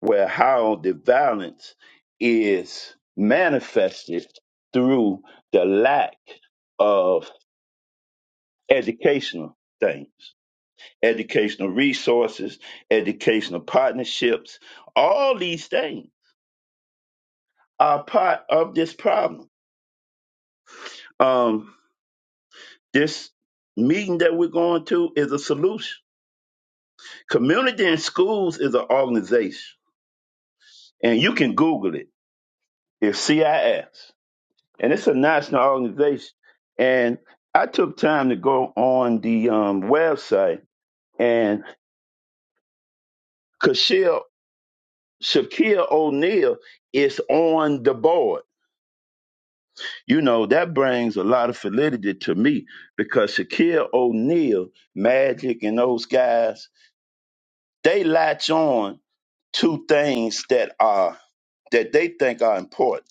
D: where how the violence is manifested through the lack of educational things, educational resources, educational partnerships. All these things are part of this problem. Um, this meeting that we're going to is a solution. Community and schools is an organization and you can Google it. It's CIS, and it's a national organization. And I took time to go on the um, website, and Kashil, Shaquille O'Neal is on the board. You know that brings a lot of validity to me because Shaquille O'Neal, Magic, and those guys they latch on to things that are that they think are important.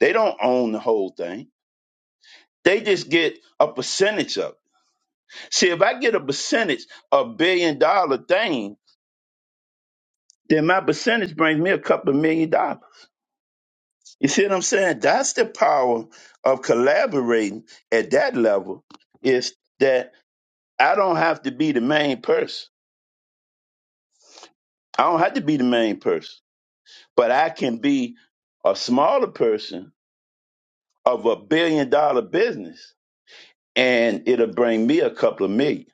D: They don't own the whole thing. They just get a percentage of it See, if I get a percentage of billion dollar thing, then my percentage brings me a couple of million dollars. You see what I'm saying? That's the power of collaborating at that level is that I don't have to be the main person. I don't have to be the main person, but I can be a smaller person of a billion dollar business and it'll bring me a couple of million.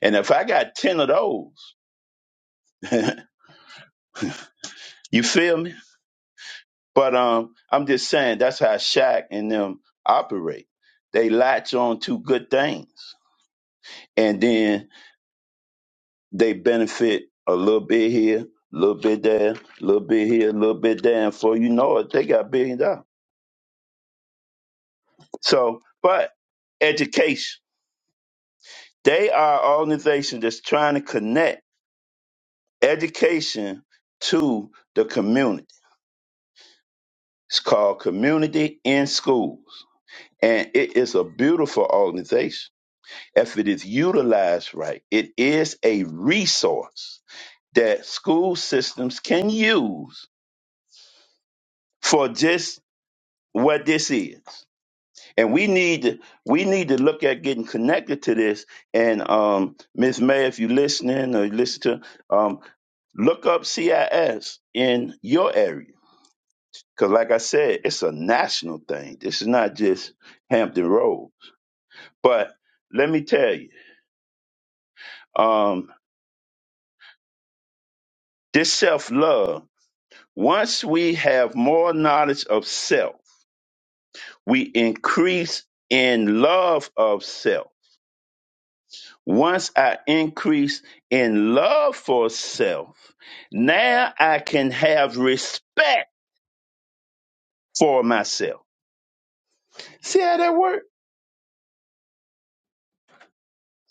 D: And if I got 10 of those, (laughs) you feel me? But um, I'm just saying that's how Shaq and them operate. They latch on to good things, and then they benefit a little bit here, a little bit there, a little bit here, a little bit there, and before you know it, they got billion dollars. So, but education, they are an organization that's trying to connect education to the community. It's called Community in Schools, and it is a beautiful organization if it is utilized right, it is a resource that school systems can use for just what this is. And we need to we need to look at getting connected to this. And um Ms. May, if you're listening or you listen to um look up CIS in your area. Because, like I said, it's a national thing. This is not just Hampton Road. But let me tell you, um, this self love Once we have more knowledge of self, we increase in love of self. Once I increase in love for self, now I can have respect for myself. See how that works?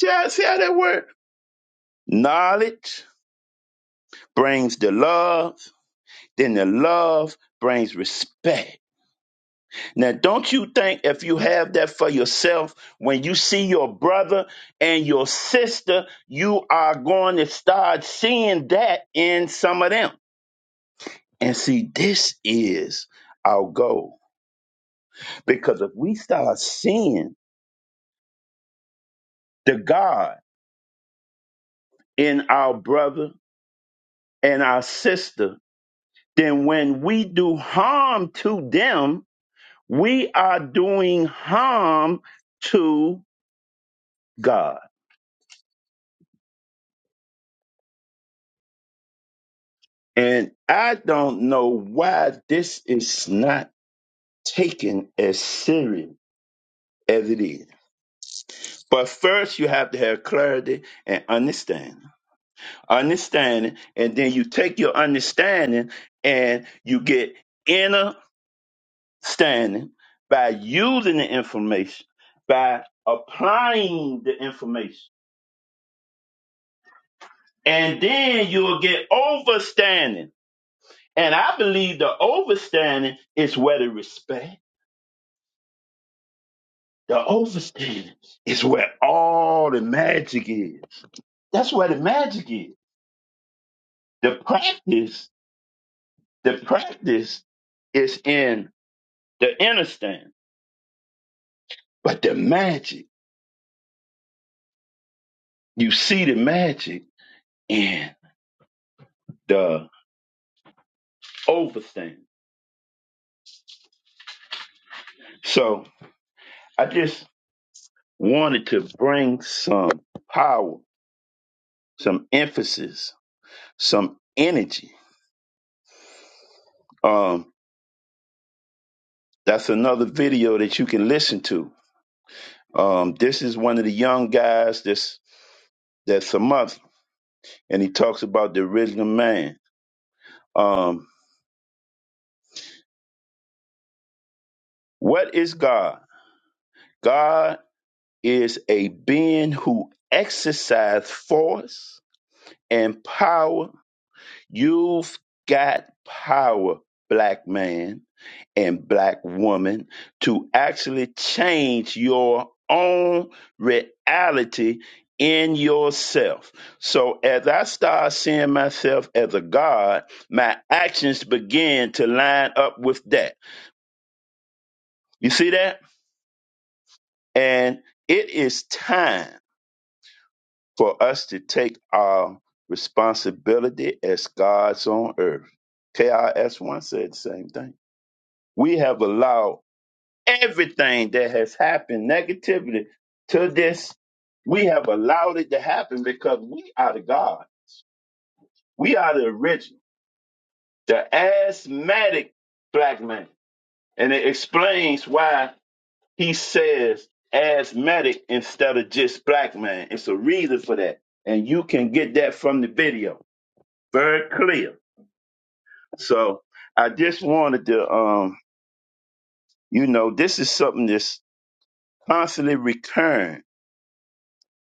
D: See how, see how that works? Knowledge brings the love, then the love brings respect Now, don't you think if you have that for yourself, when you see your brother and your sister, you are going to start seeing that in some of them? And see, this is our goal. Because if we start seeing the God in our brother and our sister, then when we do harm to them, we are doing harm to God. And I don't know why this is not taken as serious as it is. But first, you have to have clarity and understanding. Understanding, and then you take your understanding and you get inner standing by using the information, by applying the information. And then you'll get overstanding. And I believe the overstanding is where the respect. The overstand is where all the magic is. That's where the magic is. The practice, the practice is in the inner stand. But the magic, you see the magic in the overstand. So I just wanted to bring some power, some emphasis, some energy. Um, that's another video that you can listen to. Um, this is one of the young guys that's that's a mother. and he talks about the original man. Um, what is God? God is a being who exercises force and power. You've got power, black man and black woman, to actually change your own reality in yourself. So as I start seeing myself as a God, my actions begin to line up with that You see that? And it is time for us to take our responsibility as God's on earth. KRS1 said the same thing. We have allowed everything that has happened negatively to this, we have allowed it to happen because we are the God. We are the original, the asthmatic black man. And it explains why he says asthmatic instead of just black man. It's a reason for that. And you can get that from the video. Very clear. So I just wanted to um, you know, this is something that's constantly recurring.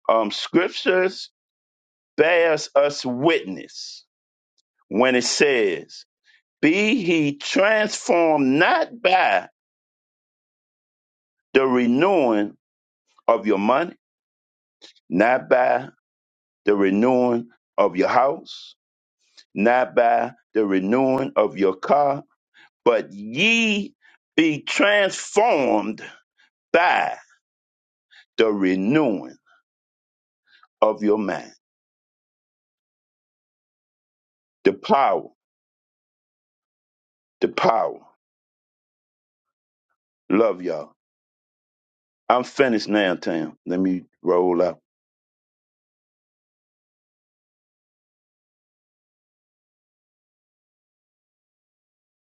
D: Um scriptures bears us witness when it says, Be he transformed not by the renewing of your money, not by the renewing of your house, not by the renewing of your car, but ye be transformed by the renewing of your mind. The power, the power. Love y'all. I'm finished now, Tam. Let me roll up.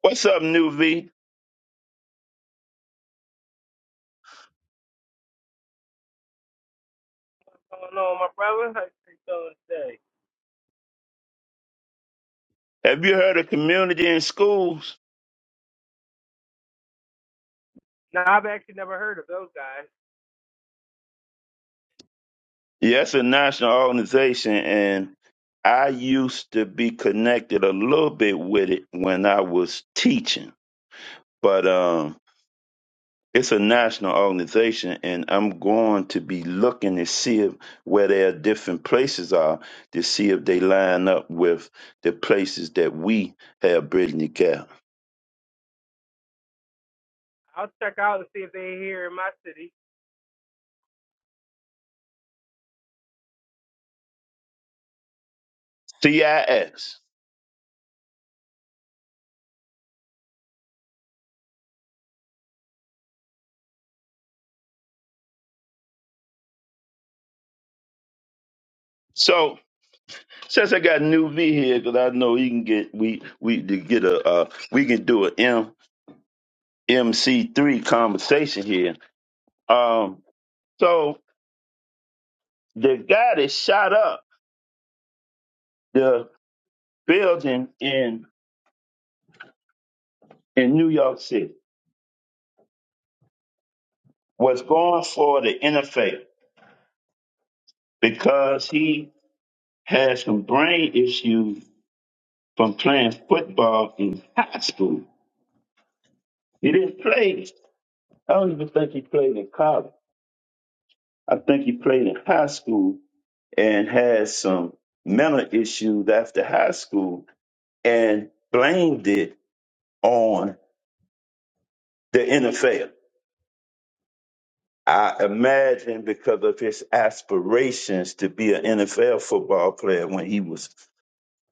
D: What's up, New V?
E: Oh no, my brother, I think so today.
D: Have you heard of Community in Schools?
E: Now I've actually never heard of those guys.
D: Yes, a national organization, and I used to be connected a little bit with it when I was teaching. But um. it's a national organization, and I'm going to be looking to see if, where their different places are to see if they line up with the places that we have Brittany Cal.
E: I'll check out and see if they're here in my city.
D: CIX. So since I got new V here, because I know he can get we we to get a uh, we can do a M MC three conversation here. Um, so the guy that shot up the building in in New York City was going for the NFL because he had some brain issues from playing football in high school. He didn't play. I don't even think he played in college. I think he played in high school and had some mental issues after high school and blamed it on the NFL. I imagine because of his aspirations to be an NFL football player when he was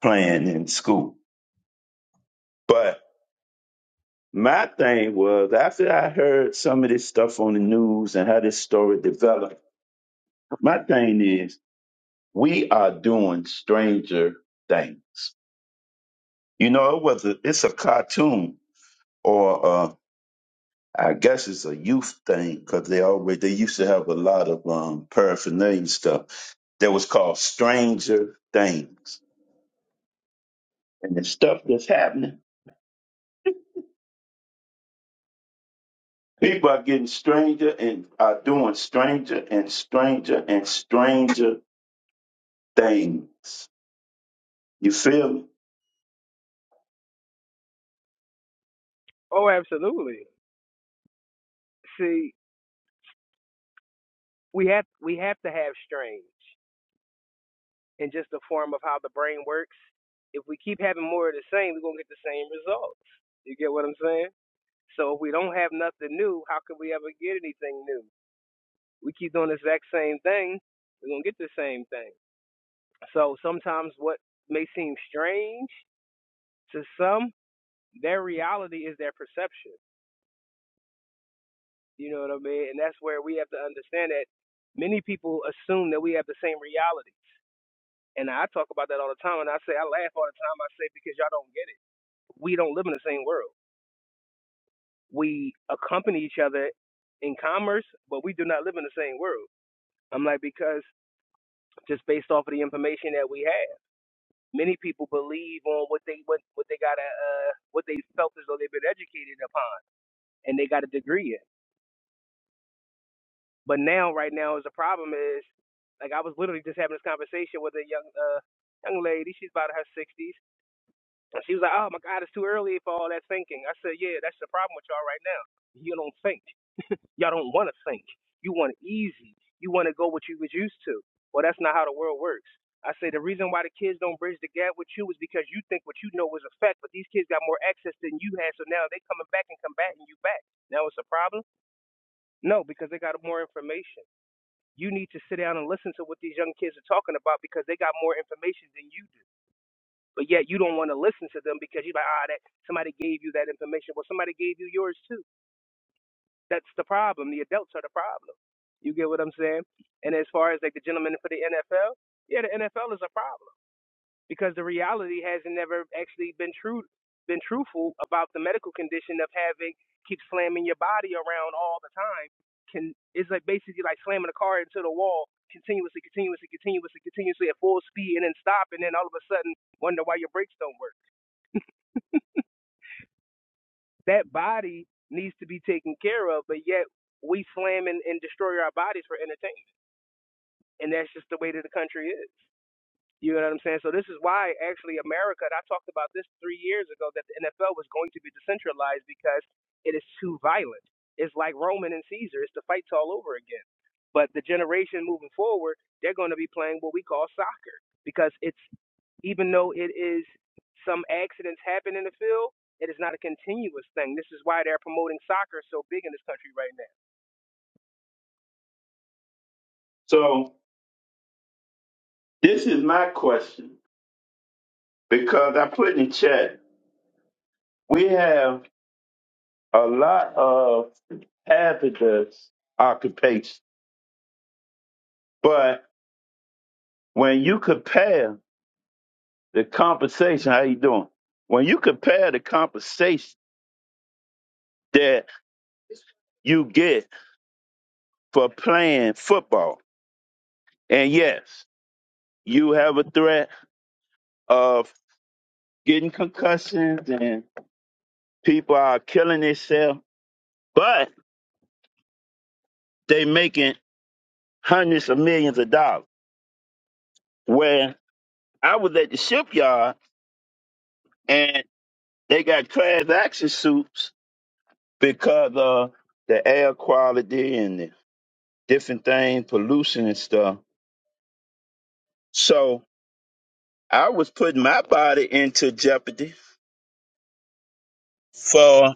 D: playing in school. but. My thing was after I heard some of this stuff on the news and how this story developed, my thing is we are doing stranger things. You know, it was a, it's a cartoon or uh, I guess it's a youth thing because they always they used to have a lot of um, paraphernalia stuff that was called Stranger Things, and the stuff that's happening. People are getting stranger and are doing stranger and stranger and stranger things You feel me?
E: Oh, absolutely. See, we have we have to have strange in just the form of how the brain works. If we keep having more of the same, we're gonna get the same results. You get what I'm saying? So if we don't have nothing new, how can we ever get anything new? We keep doing the exact same thing, we're gonna get the same thing. So sometimes what may seem strange to some their reality is their perception. You know what I mean? And that's where we have to understand that many people assume that we have the same realities, And I talk about that all the time. And I say, I laugh all the time. I say, because y'all don't get it. We don't live in the same world. We accompany each other in commerce, but we do not live in the same world. I'm like, because just based off of the information that we have, many people believe on what they what, what they got uh, what they felt as though they've been educated upon, and they got a degree in. But now, right now, is the problem is like I was literally just having this conversation with a young uh, young lady. She's about in her sixties, and she was like, "Oh my God, it's too early for all that thinking." I said, "Yeah, that's the problem with y'all right now. You don't think. Y'all don't want to think. You want it easy. You want to go what you was used to. Well, that's not how the world works." I say the reason why the kids don't bridge the gap with you is because you think what you know is a fact, but these kids got more access than you had, so now they coming back and combating you back. Now it's a problem? No, because they got more information you need to sit down and listen to what these young kids are talking about because they got more information than you do. But yet you don't want to listen to them because you're like, ah, that somebody gave you that information. Well, somebody gave you yours too. That's the problem. The adults are the problem. You get what I'm saying? And as far as like the gentleman for the NFL, yeah, the NFL is a problem because the reality has never actually been true been truthful about the medical condition of having keep slamming your body around all the time can it's like basically like slamming a car into the wall continuously continuously continuously continuously at full speed and then stop and then all of a sudden wonder why your brakes don't work that body needs to be taken care of but yet we slam and, and destroy our bodies for entertainment and that's just the way that the country is You know what I'm saying? So this is why actually America, and I talked about this three years ago, that the NFL was going to be decentralized because it is too violent. It's like Roman and Caesar. It's the fights all over again. But the generation moving forward, they're going to be playing what we call soccer because it's even though it is some accidents happen in the field, it is not a continuous thing. This is why they're promoting soccer so big in this country right now
D: So this is my question because I put in chat. We have a lot of hazardous occupations, but when you compare the compensation, how you doing? When you compare the compensation that you get for playing football, and yes, you have a threat of getting concussions and people are killing themselves, but they making hundreds of millions of dollars. Where I was at the shipyard and they got class action suits because of the air quality and the different things, pollution and stuff. So I was putting my body into jeopardy for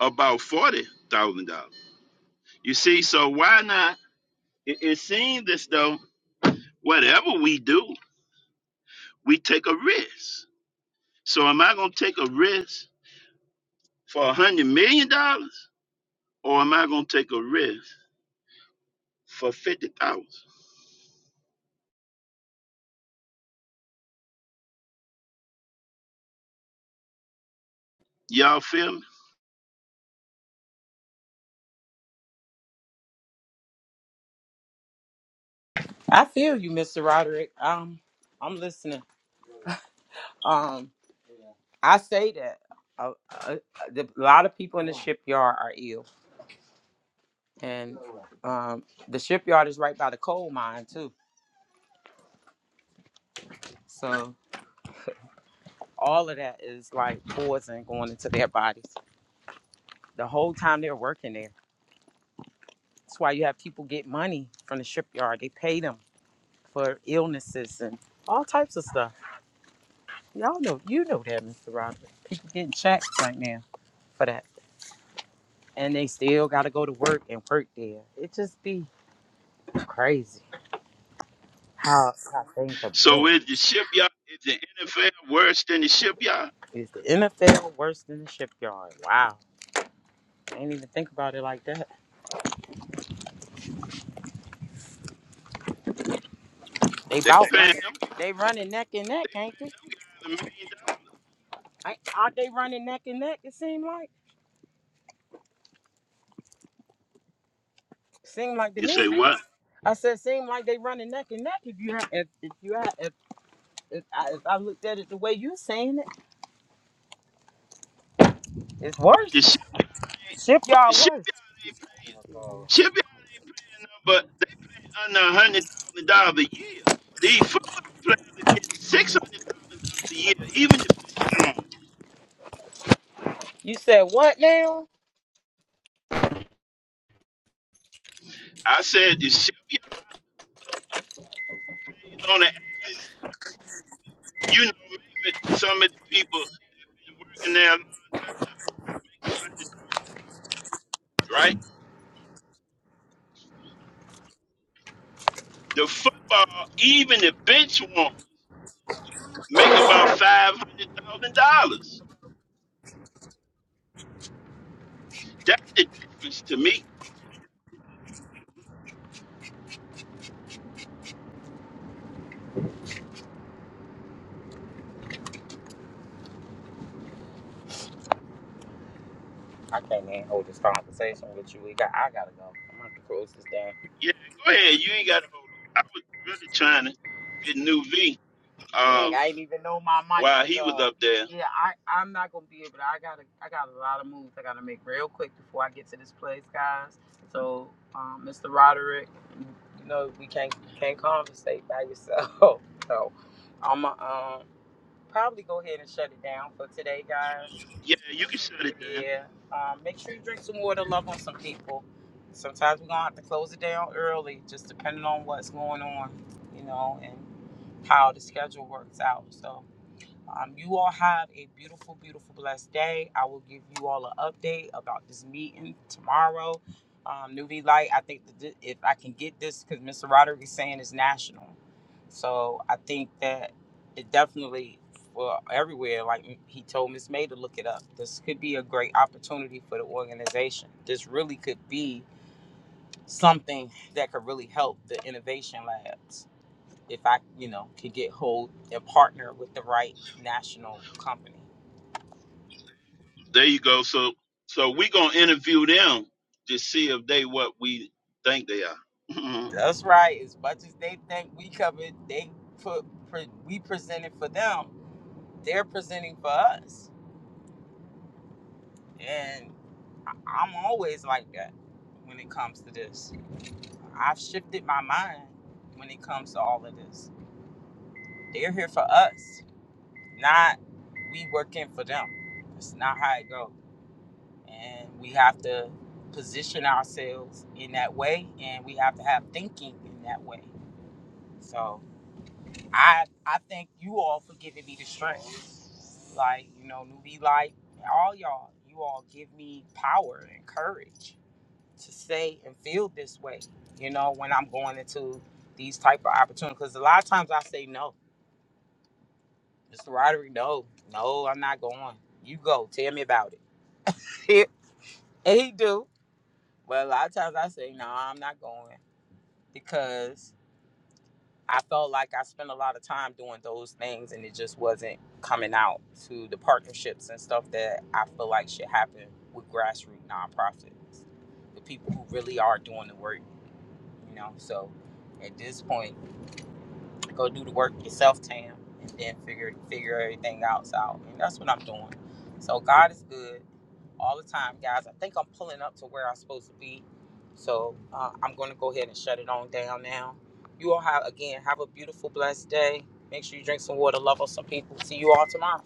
D: about forty thousand dollars. You see, so why not? It, it seems as though whatever we do, we take a risk. So am I gonna take a risk for a hundred million dollars? or am I going to take a risk for 50000 Y'all feel me?
A: I feel you, Mr. Roderick. Um, I'm listening. (laughs) Um, I say that a, a, a lot of people in the shipyard are ill, and um, the shipyard is right by the coal mine too. So. all of that is like poison going into their bodies the whole time they're working there. That's why you have people get money from the shipyard. They pay them for illnesses and all types of stuff. Y'all know, you know that, Mr. Robert. People getting checks right now for that. And they still got to go to work and work there. It just be crazy how, how things are
D: So
A: built.
D: is the shipyard, is the NFL worse than the shipyard?
A: Is the NFL worse than the shipyard? Wow. I didn't even think about it like that. They
D: They
A: bout
D: paying
A: running.
D: them guys,
A: They running neck and neck,
D: they
A: ain't they?
D: paying them guys a million dollars.
A: I- Aren't they running neck and neck? It seemed like, seemed like to
D: You say
A: me.
D: what?
A: I said, seemed like they running neck and neck. If you have, if, if you have, if, if, I, if I looked at it the way you saying it, it's
D: But the
A: worse.
D: shipyard ain't, but the
A: Shipyard worse.
D: shipyard ain't paying. Shipyard ain't paying them, but they paying under a hundred thousand dollars a year. These football players are getting six hundred thousand dollars a year, even the bench one.
A: You said what now?
D: I said the shipyard pays on the average. You know, even some of the people that been working there a long time make a hundred thousand, right? The football, even the bench won't make about five hundred thousand dollars. That's the difference to me.
A: I can't even hold this conversation with you. We got, I gotta go. I'm gonna have to close this down.
D: Yeah, go ahead. You ain't got to hold it. I was really trying to get new V
A: Heck,
D: um,
A: I didn't even know my mic
D: while
A: was
D: he was
A: on.
D: up there.
A: Yeah, I I'm not gonna be able. To, I gotta I got a lot of moves I gotta make real quick before I get to this place, guys. So, um, Mr. Roderick, you know we can't can't conversate by yourself. (laughs) So, I'm um probably go ahead and shut it down for today, guys.
D: Yeah, you can shut it down.
A: Yeah. Um, make sure you drink some water. Love on some people. Sometimes we're gonna have to close it down early, just depending on what's going on, you know, and how the schedule works out. So. Um, you all have a beautiful, beautiful, blessed day. I will give you all an update about this meeting tomorrow. Um, New V Light, I think that thi- if I can get this, because Mr. Roderick is saying it's national. So I think that it definitely for everywhere, like he told Miss May to look it up. This could be a great opportunity for the organization. This really could be something that could really help the innovation labs if I, you know, could get hold and partner with the right national company.
D: There you go. So, so we gonna interview them to see if they what we think they are. (laughs)
A: That's right. As much as they think we covered, they put pre, we presented for them. They're presenting for us, and I- I'm always like that when it comes to this. I've shifted my mind when it comes to all of this. They're here for us, not we working for them. That's not how it goes. and we have to position ourselves in that way and we have to have thinking in that way so i i thank you all for giving me the strength like you know newbie like all y'all you all give me power and courage to say and feel this way you know when i'm going into these type of opportunities because a lot of times i say no mr roderick no no i'm not going you go tell me about it (laughs) and he do but a lot of times i say no i'm not going because I felt like I spent a lot of time doing those things and it just wasn't coming out to the partnerships and stuff that I feel like should happen with grassroots nonprofits, the people who really are doing the work, you know. So at this point, go do the work yourself, Tam, and then figure figure everything else out. And that's what I'm doing. So God is good all the time, guys. I think I'm pulling up to where I'm supposed to be. So uh, I'm going to go ahead and shut it on down now. You all have, again, have a beautiful, blessed day. Make sure you drink some water, love on some people. See you all tomorrow.